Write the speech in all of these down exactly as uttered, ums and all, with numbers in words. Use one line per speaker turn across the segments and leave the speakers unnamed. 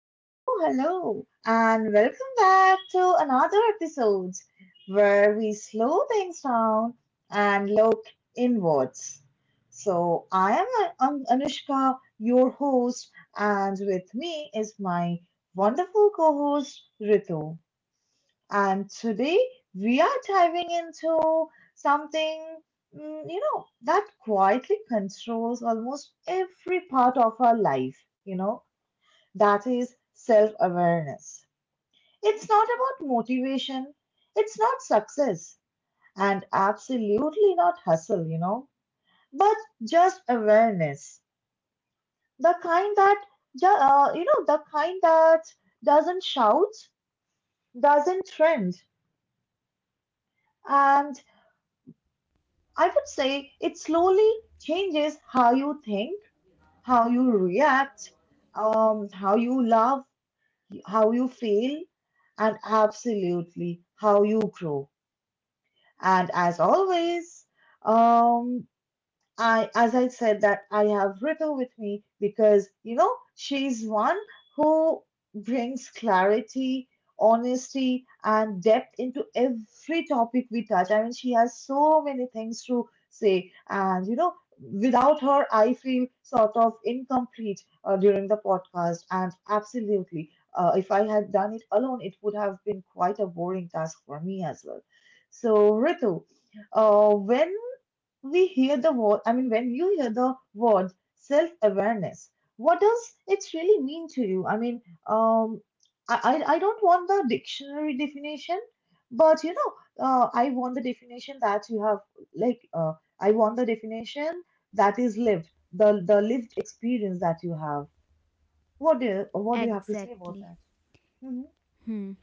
hello, hello, and welcome back to another episode where we slow things down and look inwards. So, I am An- An- Anushka, your host, and with me is my wonderful co host Ritu. And today we are diving into something, mm, you know, that quietly controls almost every part of our life, you know that is self awareness. It's not about motivation, it's not success, and absolutely not hustle, you know, but just awareness. The kind that, ju- uh, you know, the kind that doesn't shout, doesn't trend. And I would say it slowly changes how you think, how you react, um, how you love, how you feel, and absolutely how you grow. And as always, um, I, as I said, that I have Ritu with me because, you know, she's one who brings clarity, honesty, and depth into every topic we touch. I mean, she has so many things to say, and, you know, without her, I feel sort of incomplete uh, during the podcast. And absolutely, uh, if I had done it alone, it would have been quite a boring task for me as well. So, Ritu, uh, when we hear the word, I mean, when you hear the word self awareness, what does it really mean to you? I mean, um, I, I I don't want the dictionary definition, but you know, uh, I want the definition that you have, like, uh, I want the definition that is lived, the, the lived experience that you have. What do you, what do you have to say about
Exactly.
that? hmm
Hmm.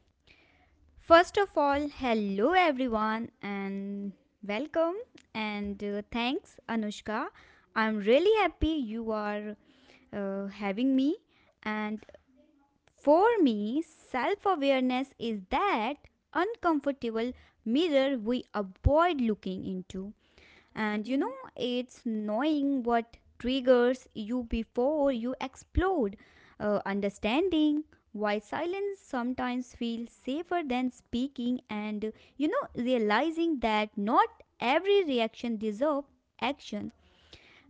First of all, hello everyone and welcome and uh, thanks Anushka. I'm really happy you are uh, having me and for me, self awareness is that uncomfortable mirror we avoid looking into. And you
hmm
know, it's knowing what triggers you before you explode, uh, understanding why silence sometimes feels safer than speaking, and you know, realizing that not every reaction deserves action.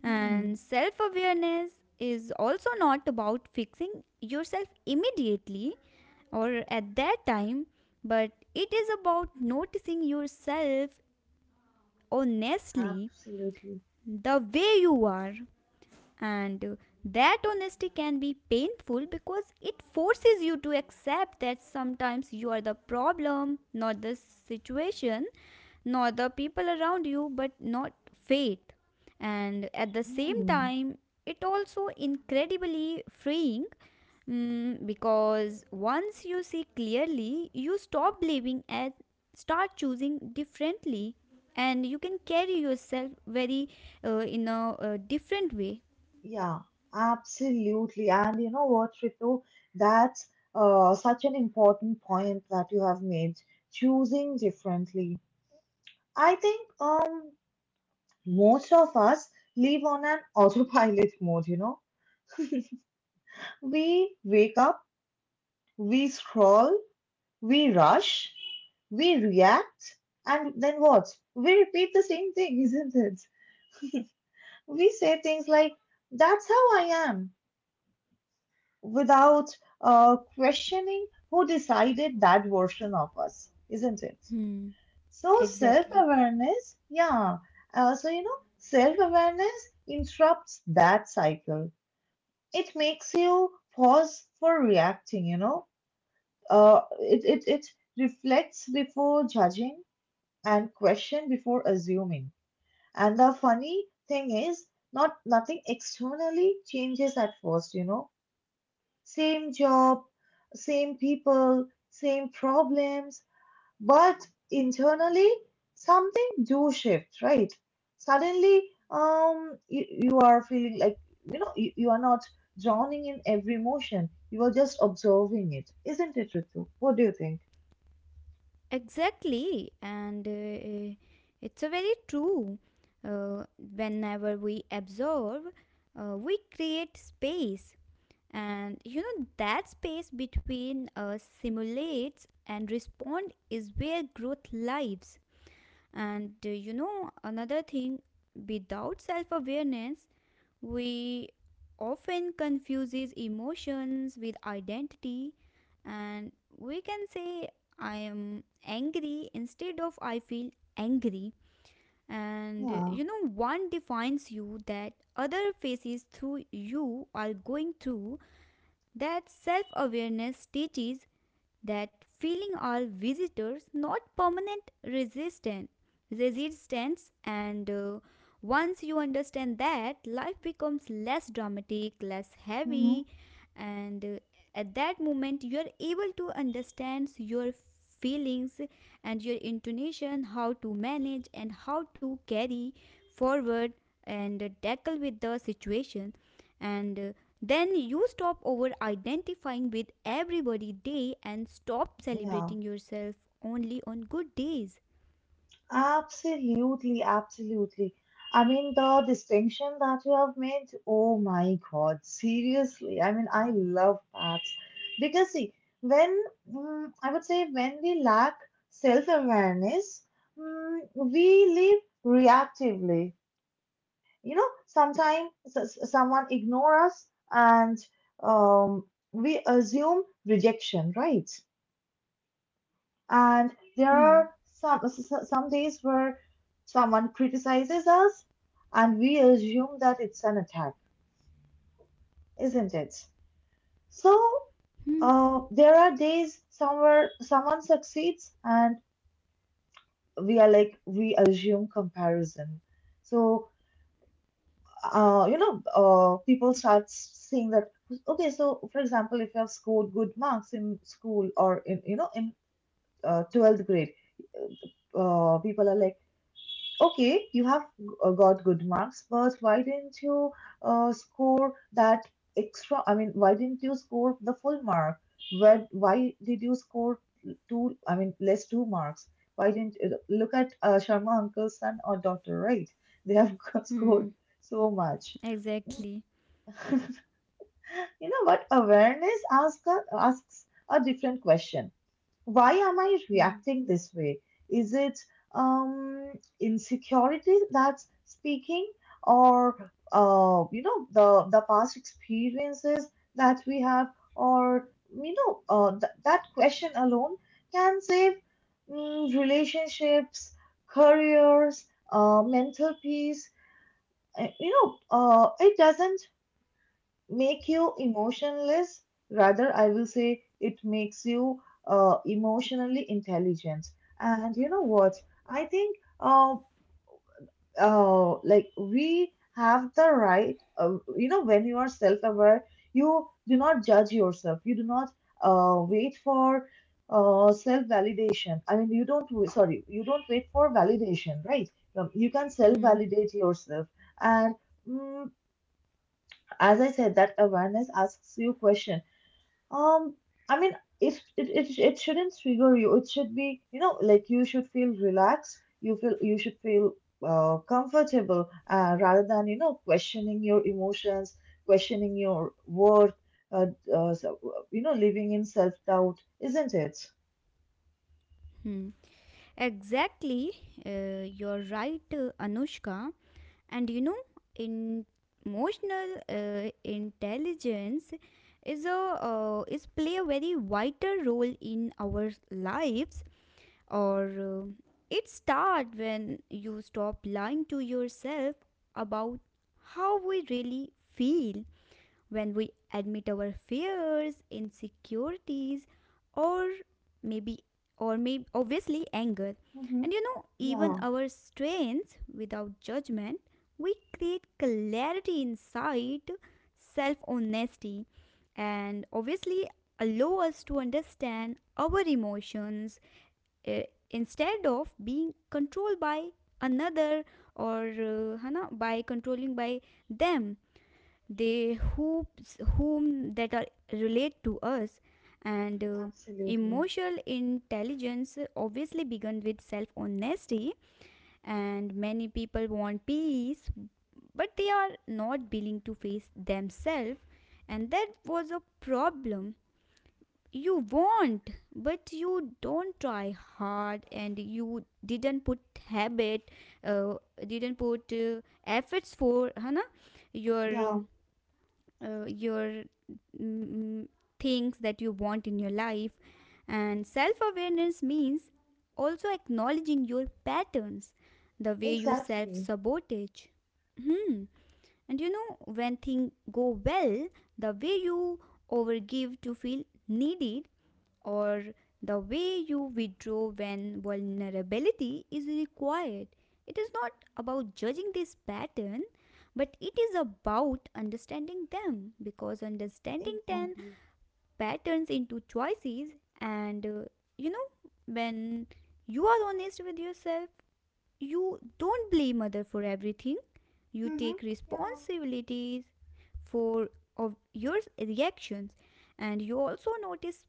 And
hmm
self awareness is also not about fixing yourself immediately or at that time, but it is about noticing yourself honestly
Absolutely.
the way you are, and uh, that honesty can be painful because it forces you to accept that sometimes you are the problem, not the situation, not the people around you, but not fate. And at the same
Hmm.
time, it also incredibly freeing, mm, because once you see clearly, you stop believing and start choosing differently, and you can carry yourself very uh, in a uh, different way.
Yeah, absolutely. And you know what, Ritu? That's uh, such an important point that you have made, choosing differently. I think um, most of us live on an autopilot mode, you know. We wake up, we scroll, we rush, we react, and then what? We repeat the same thing, isn't it? We say things like, that's how I am. Without uh, questioning who decided that version of us, isn't it?
Hmm,
So, self
exactly.
awareness, yeah. Uh, so, you know, self awareness interrupts that cycle. It makes you pause for reacting, you know. Uh, it, it, it reflects before judging and question before assuming. And the funny thing is, not nothing externally changes at first, you know. Same job, same people, same problems, but internally something do shift, right? Suddenly, um, you, you are feeling like you know you, you are not drowning in every emotion. You are just observing it, isn't it, Ritu? What do you think?
Exactly. And uh, uh, it's a very true. Uh, Whenever we observe, uh, we create space. And you know, that space between us simulates and respond is where growth lives. And uh, you know, another thing, without self awareness, we often confuses emotions with identity, and we can say I am angry instead of I feel angry. And uh,
Yeah.
you know, one defines you that other faces through you are going through, that self awareness teaches that feeling all visitors not permanent resistant resistance, and uh, once you understand that, life becomes less dramatic, less
hmm
heavy, and uh, at that moment you are able to understand your feelings and your intonation, how to manage and how to carry forward and uh, tackle with the situation, and uh, then you stop over identifying with everybody day and stop
Yeah.
celebrating yourself only on good days.
Absolutely, absolutely. I mean, the distinction that you have made, oh my God, seriously. I mean, I love that. Because, see, when mm, I would say when we lack self-awareness, mm, we live reactively. You know, sometimes someone ignore us and um, we assume rejection, right? And there
Hmm.
are some some days where someone criticizes us, and we assume that it's an attack, isn't it? So
Hmm.
uh, there are days somewhere someone succeeds, and we are like we assume comparison. So uh, you know, uh, people start saying that okay. So for example, if you have scored good marks in school or in you know in uh, twelfth grade, uh, people are like okay, you have uh, got good marks, but why didn't you uh, score that extra? I mean, why didn't you score the full mark? Why, why did you score two, I mean, less two marks? Why didn't uh, look at uh, Sharma uncle's son or daughter, right? They have
Hmm.
scored so much.
Exactly.
You know what? Awareness asks a, asks a different question. Why am I
Hmm.
reacting this way? Is it um insecurity that's speaking, or uh you know the the past experiences that we have? Or you know uh, th- that question alone can save mm, relationships, careers, uh, mental peace. Uh, you know uh, it doesn't make you emotionless. Rather, I will say it makes you uh, emotionally intelligent. And you know what? I think uh, uh, like we have the right, uh, you know, when you are self aware, you do not judge yourself, you do not uh, wait for uh, self validation. I mean, you don't, w- sorry, you don't wait for validation, right? Um, You can self
Hmm.
validate yourself. And mm, as I said, that awareness asks you questions. um, I mean, if it, it it shouldn't trigger you, it should be, you know, like you should feel relaxed. You feel you should feel uh, comfortable uh, rather than you know questioning your emotions, questioning your worth. Uh, uh, so, uh, you know, living in self doubt, isn't it?
Hmm. Exactly, uh, you're right, uh, Anushka. And you know, in emotional uh, intelligence is a uh, is play a very vital role in our lives, or uh, it starts when you stop lying to yourself about how we really feel, when we admit our fears, insecurities, or maybe, or maybe obviously anger,
Mm-hmm.
and you know, even
Yeah,
our strengths without judgment, we create clarity inside self honesty, and obviously allow us to understand our emotions, uh, instead of being controlled by another, or uh, है by controlling by them, they who whom that are relate to us, and uh,
absolutely.
emotional intelligence obviously begin with self honesty, and many people want peace but they are not willing to face themselves, and that was a problem. You won't, but you don't try hard and you didn't put habit, uh, didn't put uh, efforts for Hana your um,
Yeah,
uh, your mm, things that you want in your life. And self awareness means also acknowledging your patterns, the way you self
exactly,
sabotage. Hmm. And you know, when things go well, the way you overgive to feel needed, or the way you withdraw when vulnerability is required. It is not about judging this pattern, but it is about understanding them, because understanding ten
exactly.
patterns into choices, and uh, you know, when you are honest with yourself, you don't blame other for everything, you
Mm-hmm.
take
Yeah,
responsibilities for of your reactions, and you also notice,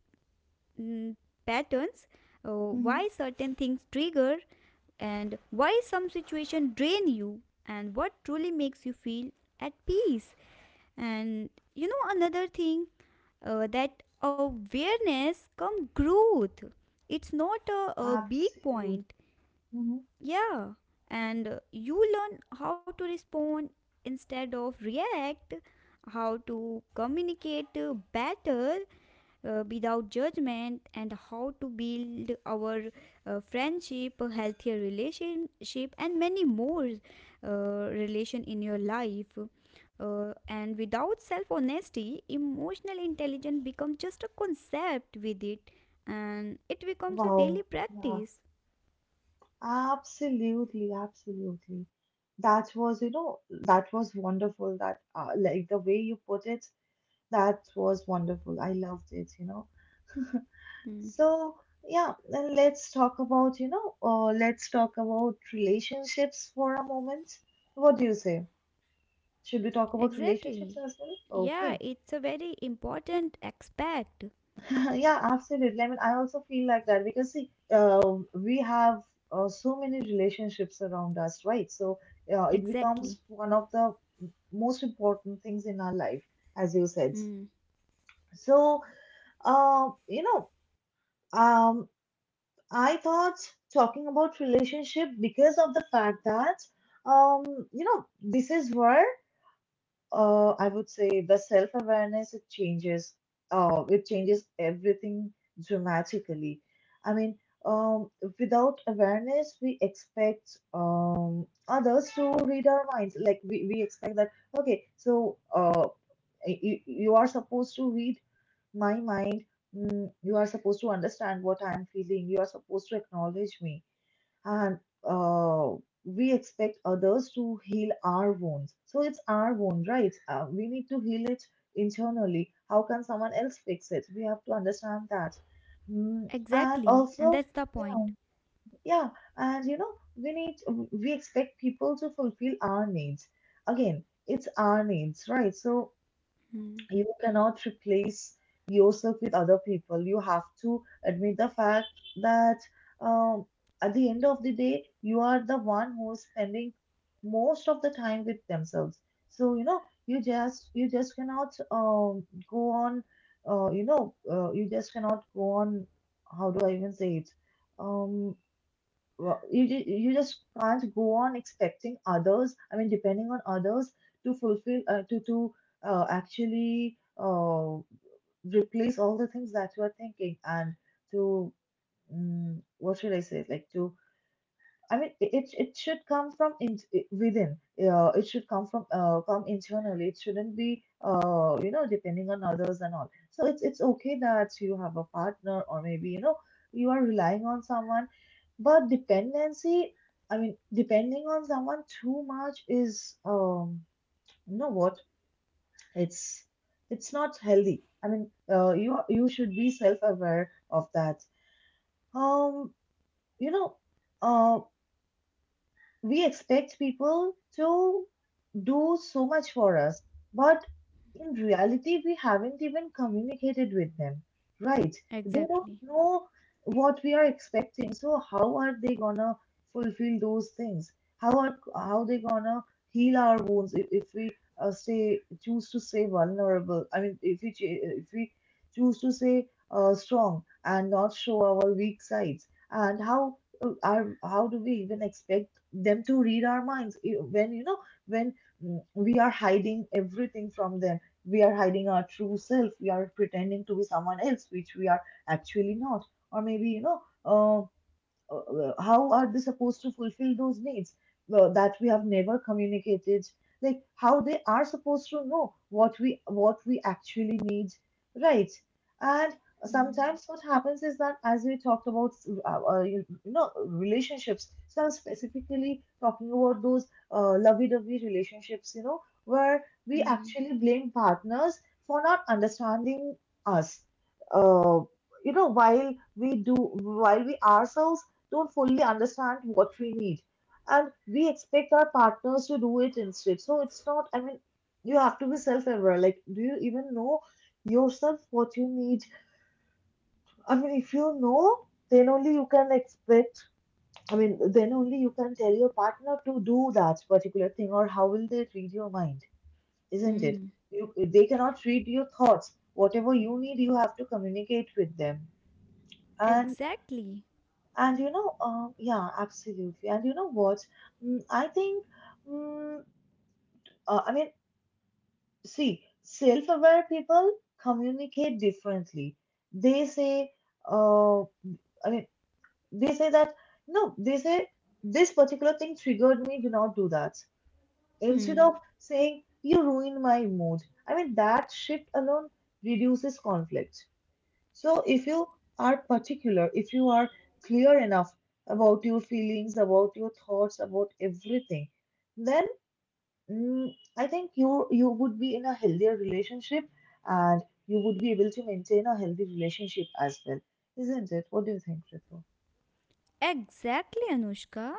mm, patterns, uh,
mm-hmm.
why certain things trigger, and why some situation drain you, and what truly makes you feel at peace. And you know, another thing, uh, that awareness come growth. It's not a, a big
Absolutely.
point.
Mm-hmm.
Yeah, and uh, you learn how to respond instead of react, how to communicate uh, better uh, without judgment, and how to build our uh, friendship, healthier relationship, and many more uh, relation in your life. Uh, and without self honesty, emotional intelligence becomes just a concept with it, and it becomes a daily
Wow. Yeah.
practice.
Absolutely, absolutely. That was, you know, that was wonderful. That, uh, like the way you put it, that was wonderful. I loved it, you know.
Hmm.
So, yeah, then let's talk about, you know, uh, let's talk about relationships for a moment. What do you say? Should we talk about relationships
Exactly.
as well?
Yeah,
Okay.
it's a very important aspect.
Yeah, absolutely. I mean, I also feel like that because see, uh, we have uh, so many relationships around us, right? So uh, it
Exactly.
becomes one of the most important things in our life, as you said.
Hmm.
So, uh, you know, um, I thought talking about relationship because of the fact that, um, you know, this is where uh, I would say the self-awareness it changes uh, it changes everything dramatically. I mean, um, without awareness, we expect um, others to read our minds. Like we, we expect that okay, so uh, you, you are supposed to read my mind. Mm, you are supposed to understand what I'm feeling. You are supposed to acknowledge me and uh, we expect others to heal our wounds. So it's our wound, right? Uh, we need to heal it internally. How can someone else fix it? We have to understand that. Mm, and
Exactly, and
also,
that's the
yeah,
point.
yeah, and you know, we need we expect people to fulfill our needs. Again, it's our needs, right? So
Hmm.
you cannot replace yourself with other people. You have to admit the fact that um, at the end of the day, you are the one who is spending most of the time with themselves. So you know, you just you just cannot um, go on. Uh, you know, uh, you just cannot go on. How do I even say it? Um, well, you ju- you just can't go on expecting others. I mean, depending on others to fulfill uh, to to uh, actually uh, replace all the things that you are thinking and to mm what should I say? Like to I mean, it it it should come from in, within. Uh, it should come from uh, come internally. It shouldn't be uh, you know depending on others and all. So it's it's okay that you have a partner or maybe you know you are relying on someone, but dependency. I mean, depending on someone too much is um you know what it's it's not healthy. I mean, uh, you you should be self aware of that. Um, you know. uh. We expect people to do so much for us, but in reality, we haven't even communicated with them, right? They don't
Exactly.
know what we are expecting, so how are they gonna fulfill those things? How are how they gonna heal our wounds if, if we uh, say choose to stay vulnerable? I mean, if we ch- if we choose to stay uh, strong and not show our weak sides, and how uh, are how do we even expect them to read our minds eh, when you know? When mm, we are hiding everything from them. We are hiding our true self. We are pretending to be someone else, which we are actually not. Or maybe, you know, uh, uh, how are they supposed to fulfill those needs uh, that we have never communicated, like how they are supposed to know what we what we actually need, right? And
Hmm.
sometimes what happens is that as we talked about uh, uh, you know relationships, so I'm specifically talking about those uh, lovey-dovey relationships you know where we
Hmm.
actually blame partners for not understanding us uh, you know while we do while we ourselves don't fully understand what we need. And we expect our partners to do it instead. So it's not, I mean, you have to be self aware. Like, do you even know yourself what you need? I mean, if you know, then only you can expect, I mean, then only you can tell your partner to do that particular thing, or how will they read your mind, isn't it?
Hmm.
You, they cannot read your thoughts. Whatever you need, you have to communicate with them. And.
Exactly.
And you know, uh, yeah, absolutely. And you know what? Mm, I think, mm, uh, I mean, see, self-aware people communicate differently. They say, uh, I mean, they say that, no, they say, this particular thing triggered me, do not do that. Instead
Hmm.
of saying, you ruined my mood. I mean, that shift alone reduces conflict. So, if you are particular, if you are clear enough about your feelings, about your thoughts, about everything, then mm, I think you you would be in a healthier relationship, and you would be able to maintain a healthy relationship as well, isn't it? What do you think, Ritu?
Exactly, Anushka.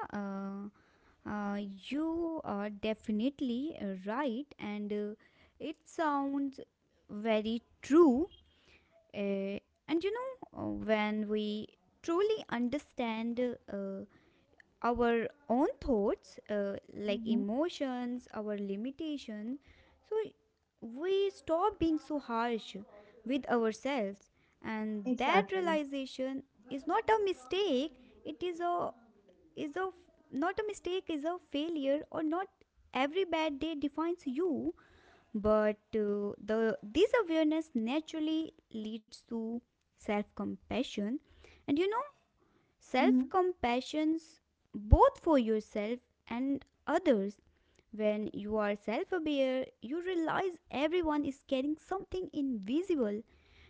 Uh, uh, you are definitely uh, right, and uh, it sounds very true. Uh, and you know, uh, when we truly understand, uh, our own thoughts, uh, like
Mm-hmm.
emotions, our limitation, so we stop being so harsh with ourselves, and that
Exactly.
realization is not a mistake, it is a, is a not a mistake, is a failure, or not every bad day defines you. But uh, the this awareness naturally leads to self compassion, and you know,
Mm-hmm.
self compassions both for yourself and others. When you are self aware, you realize everyone is carrying something invisible.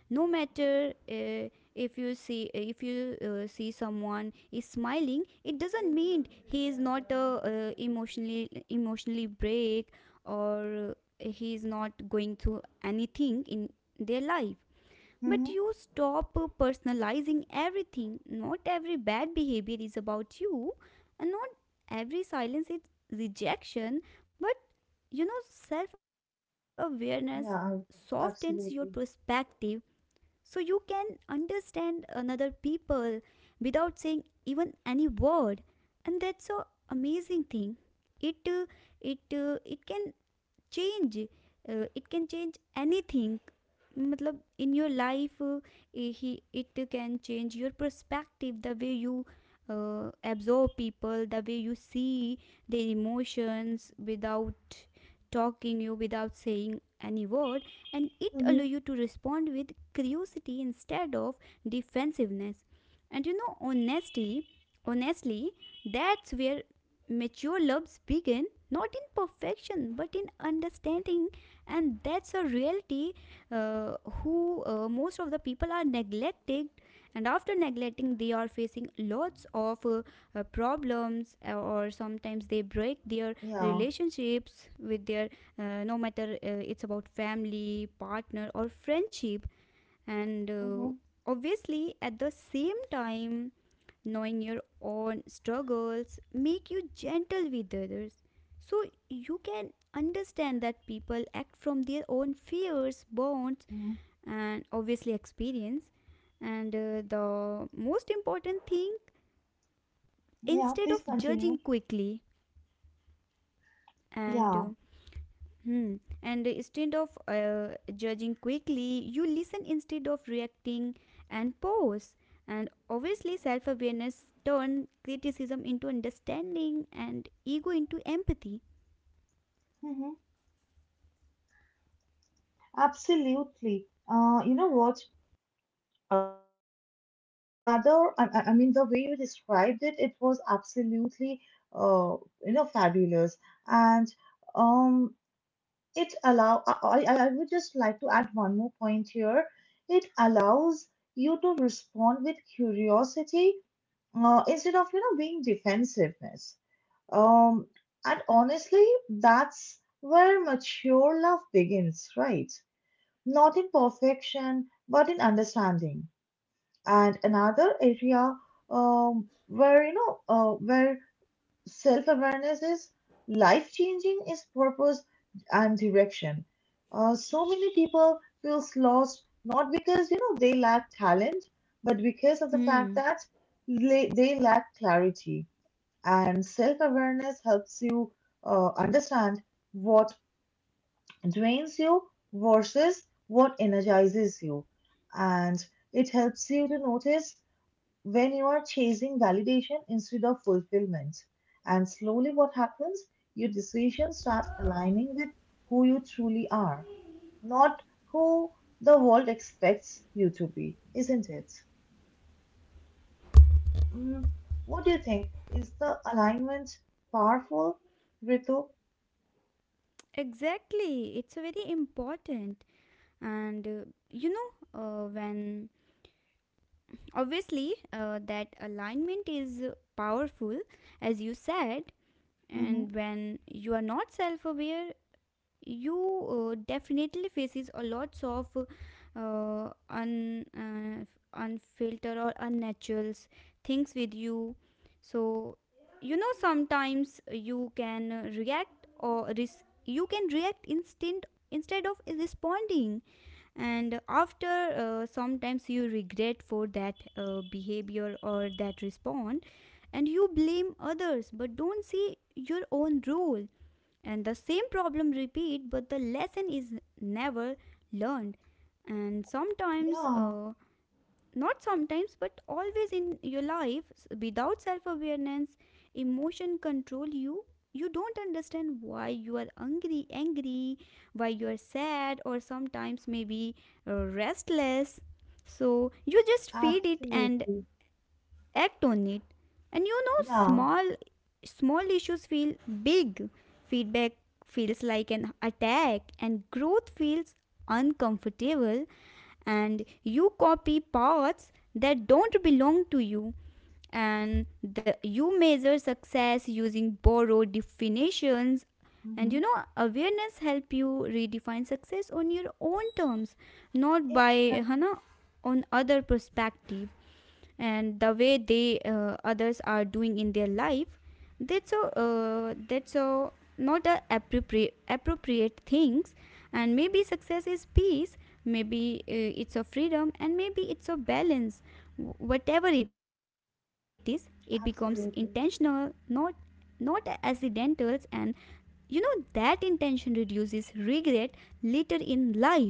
No matter uh, if you see, if you uh, see someone is smiling, it doesn't mean he is not uh, uh, emotionally emotionally break or uh, he is not going through anything in their life. But
Mm-hmm.
you stop uh, personalizing everything. Not every bad behavior is about you, and not every silence is rejection. But you know, self awareness
Yeah,
softens your
absolutely.
perspective, so you can understand another people without saying even any word, and that's a amazing thing. it uh, it uh, it can change uh, it can change anything, matlab in your life, uh, eh, he it can change your perspective, the way you uh, absorb people, the way you see their emotions without talking you, without saying any word, and it
Mm-hmm.
allow you to respond with curiosity instead of defensiveness. And you know, honesty honestly, that's where mature loves begin, not in perfection but in understanding, and that's a reality uh, who uh, most of the people are neglected. And after neglecting, they are facing lots of uh, uh, problems, uh, or sometimes they break their
Yeah.
relationships with their uh, no matter uh, it's about family, partner, or friendship. And uh,
Mm-hmm.
obviously, at the same time, knowing your own struggles make you gentle with others, so you can understand that people act from their own fears, bonds,
Mm-hmm.
and obviously experience. And uh, the most important thing,
Yeah,
instead
please
of judging
continue.
quickly, and
Yeah,
uh, hmm. And instead of uh, judging quickly, you listen instead of reacting, and pause. And obviously, self awareness turns criticism into understanding and ego into empathy.
mm-hmm. Absolutely. Uh, you know what? Uh, I was thinking another, I, I I mean, the way you described it, it was absolutely, uh, you know, fabulous. And um, it allow, I, I I would just like to add one more point here. It allows you to respond with curiosity, uh, instead of, you know, being defensiveness. Um, and honestly, that's where mature love begins, right? Not in perfection, but in understanding. And another area, um, where you know uh, where self-awareness is life-changing, is purpose and direction. Uh, so many people feel lost not because you know they lack talent, but because of the fact
Hmm.
that they, they lack clarity. And self-awareness helps you uh, understand what drains you versus what energizes you, and it helps you to notice when you are chasing validation instead of fulfillment. And slowly, what happens? Your decisions start aligning with who you truly are, not who the world expects you to be, isn't it? Mm, What do you think? Is the alignment powerful, Ritu?
Exactly. It's very important. And uh, you know, uh, when obviously uh, that alignment is powerful, as you said,
Hmm.
and when you are not self aware, you uh, definitely faces a lots of uh, un uh, unfiltered or unnaturals things with you. So you know, sometimes you can uh, react or res- you can react instant instead of responding, and after uh, sometimes you regret for that uh, behavior or that respond, and you blame others but don't see your own role, and the same problem repeat but the lesson is never learned. And sometimes
Yeah,
uh, not sometimes but always in your life, s- without self awareness, emotion control you, you don't understand why you are angry angry, why you are sad, or sometimes maybe uh, restless, so you just feed it and
absolutely.
act on it. And you know,
Yeah.
small small issues feel big, feedback feels like an attack, and growth feels uncomfortable, and you copy paths that don't belong to you, and the, you measure success using borrowed definitions. And you
Hmm.
know, awareness help you redefine success on your own terms, not
Yeah,
by
exactly.
hana on other perspective and the way they uh, others are doing in their life. That's a uh, that's a not a appropriate appropriate things. And maybe success is peace, maybe uh, it's a freedom, and maybe it's a balance. Wh- whatever it is, it becomes intentional,
Absolutely.
not not accidental, and you know, that intention reduces regret later in life.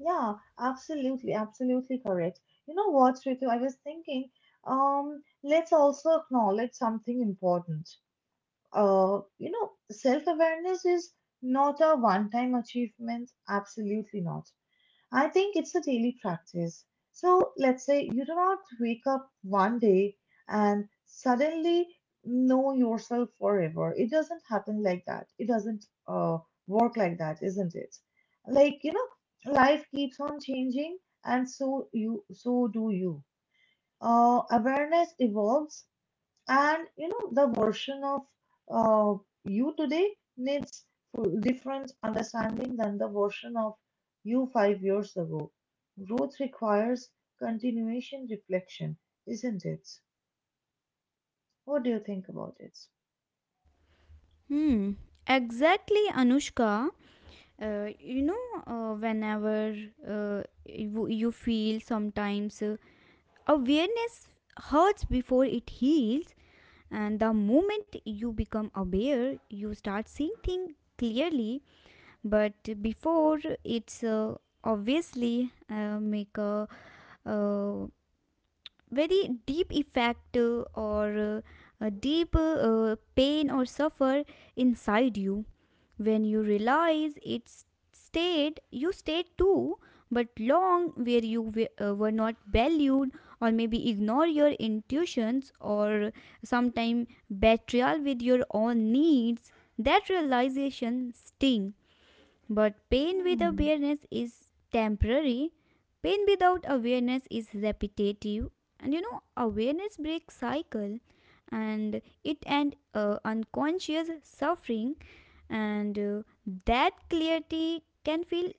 Yeah, absolutely, absolutely correct. You know what, Ritu, I was thinking, um, let's also acknowledge something important. Uh, you know, self-awareness is not a one-time achievement, absolutely not. I think it's a daily practice. So let's say you do not wake up one day and suddenly know yourself forever. It doesn't happen like that. It doesn't uh, work like that, isn't it? Like, you know, life keeps on changing and so you so do you. Uh, awareness evolves and you know, the version of uh, you today needs full- different understanding than the version of you five years ago. Growth requires continuation reflection, isn't it? What do you think about it?
Hmm, exactly, Anushka. Uh, you know, uh, whenever uh, you, you feel sometimes uh, awareness hurts before it heals, and the moment you become aware, you start seeing things clearly. But before, it's uh, obviously uh, make a uh, very deep effect, uh, or uh, a deep uh, uh, pain or suffer inside you, when you realize it's stayed, you stayed too, but long where you w- uh, were not valued, or maybe ignore your intuitions, or sometime betrayal with your own needs. That realization sting, but pain with
Hmm.
awareness is temporary. Pain without awareness is repetitive. And you know, awareness breaks cycle, and it and uh, unconscious suffering, and uh, that clarity can feel,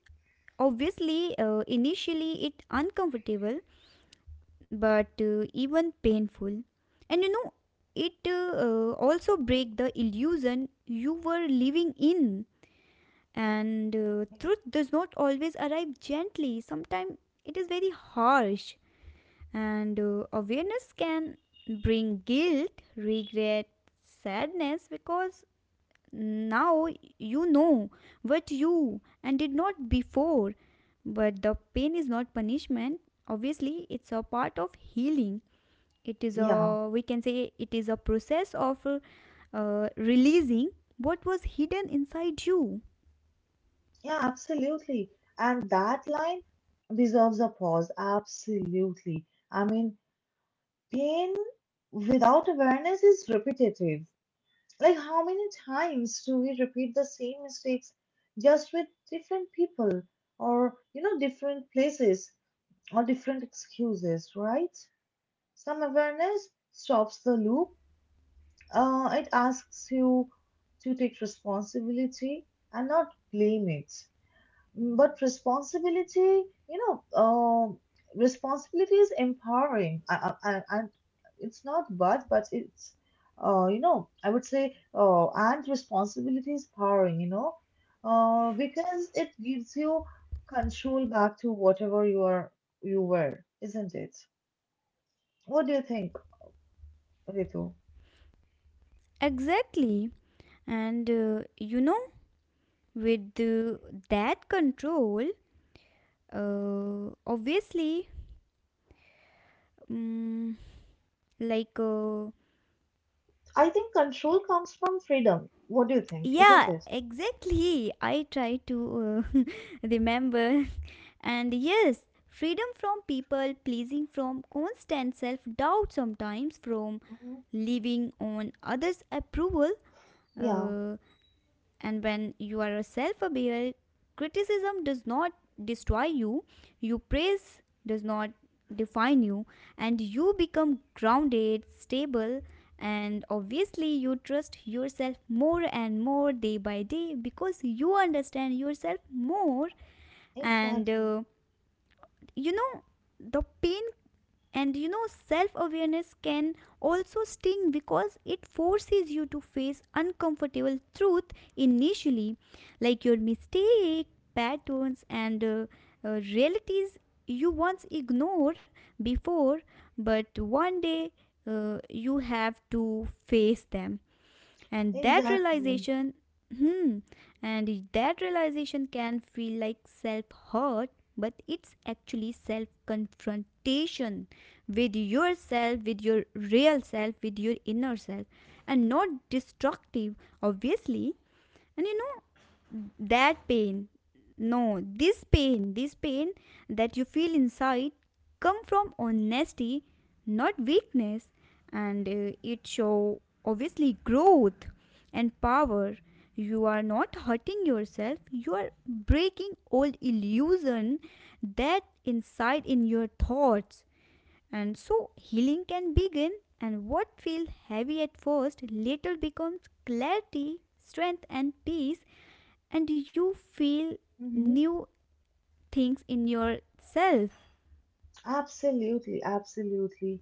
obviously, uh, initially it uncomfortable but uh, even painful. And you know, it uh, uh, also break the illusion you were living in, and uh, truth does not always arrive gently, sometimes it is very harsh. And uh, awareness can bring guilt, regret, sadness, because now you know what you and did not before. But the pain is not punishment, obviously, it's a part of healing. It is
Yeah,
a, we can say, it is a process of uh, releasing what was hidden inside you.
yeah, absolutely. And that line deserves a pause. Absolutely. I mean, pain without awareness is repetitive. Like, how many times do we repeat the same mistakes just with different people or, you know, different places or different excuses, right? Some awareness stops the loop. Uh, it asks you to take responsibility and not blame it. Mm, But responsibility, you know, um, responsibility is empowering. I, I, I, and it's not but, but it's, uh, you know, I would say, uh, and responsibility is powering, you know, uh, because it gives you control back to whatever you are, you were, isn't it? What do you think, Ritu?
Exactly. And uh, you know, with uh, that control, uh, obviously, mm, like, uh,
I think control comes from freedom. What do you think, isn't
yeah,
it?
exactly. I try to uh, remember. And yes, freedom from people pleasing, from constant self doubt, sometimes from
Hmm.
living on others' approval.
Yeah,
Uh, And when you are self aware, criticism does not destroy you, you praise does not define you, and you become grounded, stable, and obviously you trust yourself more and more day by day because you understand yourself more. And
exactly.
uh, you know, the pain, and you know, self awareness can also sting because it forces you to face uncomfortable truth initially, like your mistake, patterns, and uh, uh, realities you once ignored before, but one day uh, you have to face them, and that
Exactly.
realization, hmm, and that realization can feel like self hurt, but it's actually self confrontation with yourself, with your real self, with your inner self, and not destructive, obviously. And you know, that pain no this pain this pain that you feel inside come from honesty, not weakness, and uh, it show obviously growth and power. You are not hurting yourself, you are breaking old illusion that inside in your thoughts, and so healing can begin, and what feel heavy at first later becomes clarity, strength, and peace, and you feel
Mhm.
new things in yourself.
Absolutely, absolutely.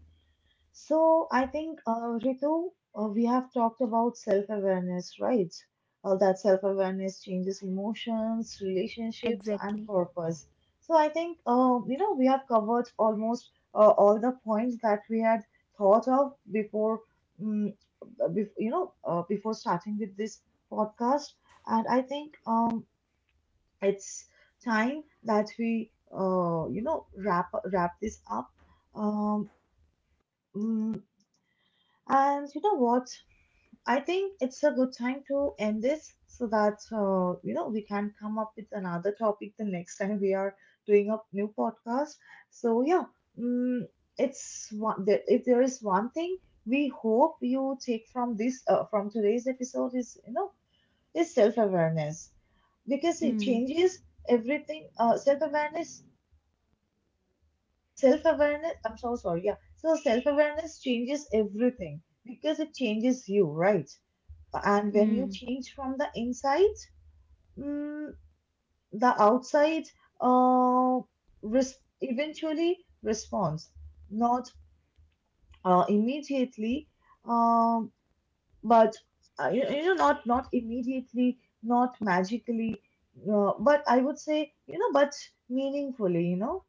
So I think, uh, Ritu, uh, we have talked about self-awareness, right? Uh, that self-awareness changes emotions, relationships, and
Exactly.
purpose. So I think, uh, you know, we have covered almost uh, all the points that we had thought of before, um, bef you know, uh, before starting with this podcast. And I think, um, it's time that we uh, you know wrap wrap this up, um, mm, and you know what, I think it's a good time to end this so that uh, you know we can come up with another topic the next time we are doing a new podcast. So yeah, mm, it's one there- if there is one thing we hope you take from this, uh, from today's episode, is you know is self-awareness because it
Hmm.
changes everything. Uh, self-awareness self awareness I'm so sorry. Yeah, so self awareness changes everything because it changes you, right? And when you
Hmm.
change from the inside, mm, the outside uh res- eventually responds, not uh, immediately, um but uh, you, you know, not not immediately, not magically, uh, but I would say you know, but meaningfully, you know,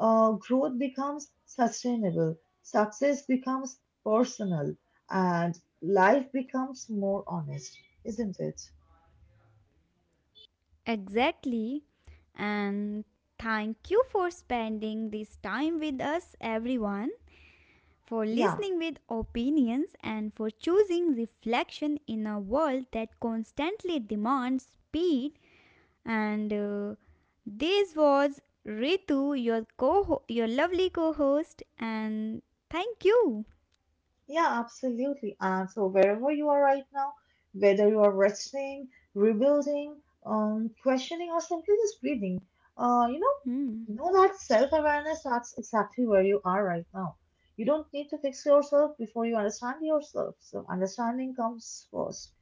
uh, growth becomes sustainable, success becomes personal, and life becomes more honest, isn't it?
Exactly. And thank you for spending this time with us, everyone, for
Yeah.
listening with opinions and for choosing reflection in a world that constantly demands speed. And uh, this was Ritu, your co your lovely co-host, and thank you.
Yeah, absolutely. And so wherever you are right now, whether you are resting, rebuilding, um, questioning, or simply just breathing, uh, you know,
Hmm.
know that self-awareness, that's exactly where you are right now. You don't need to fix yourself before you understand yourself. So understanding comes first.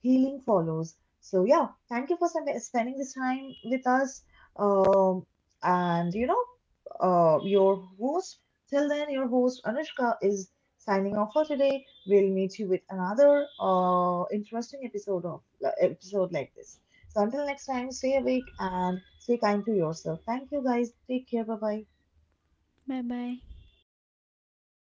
Healing follows. So yeah, thank you for sp- spending this time with us. Um, and you know uh, your host. Till then, your host Anushka is signing off for today. We'll meet you with another uh, interesting episode of like, episode like this. So until next time, stay awake and stay kind to yourself. Thank you, guys. Take care. Bye bye.
Bye bye.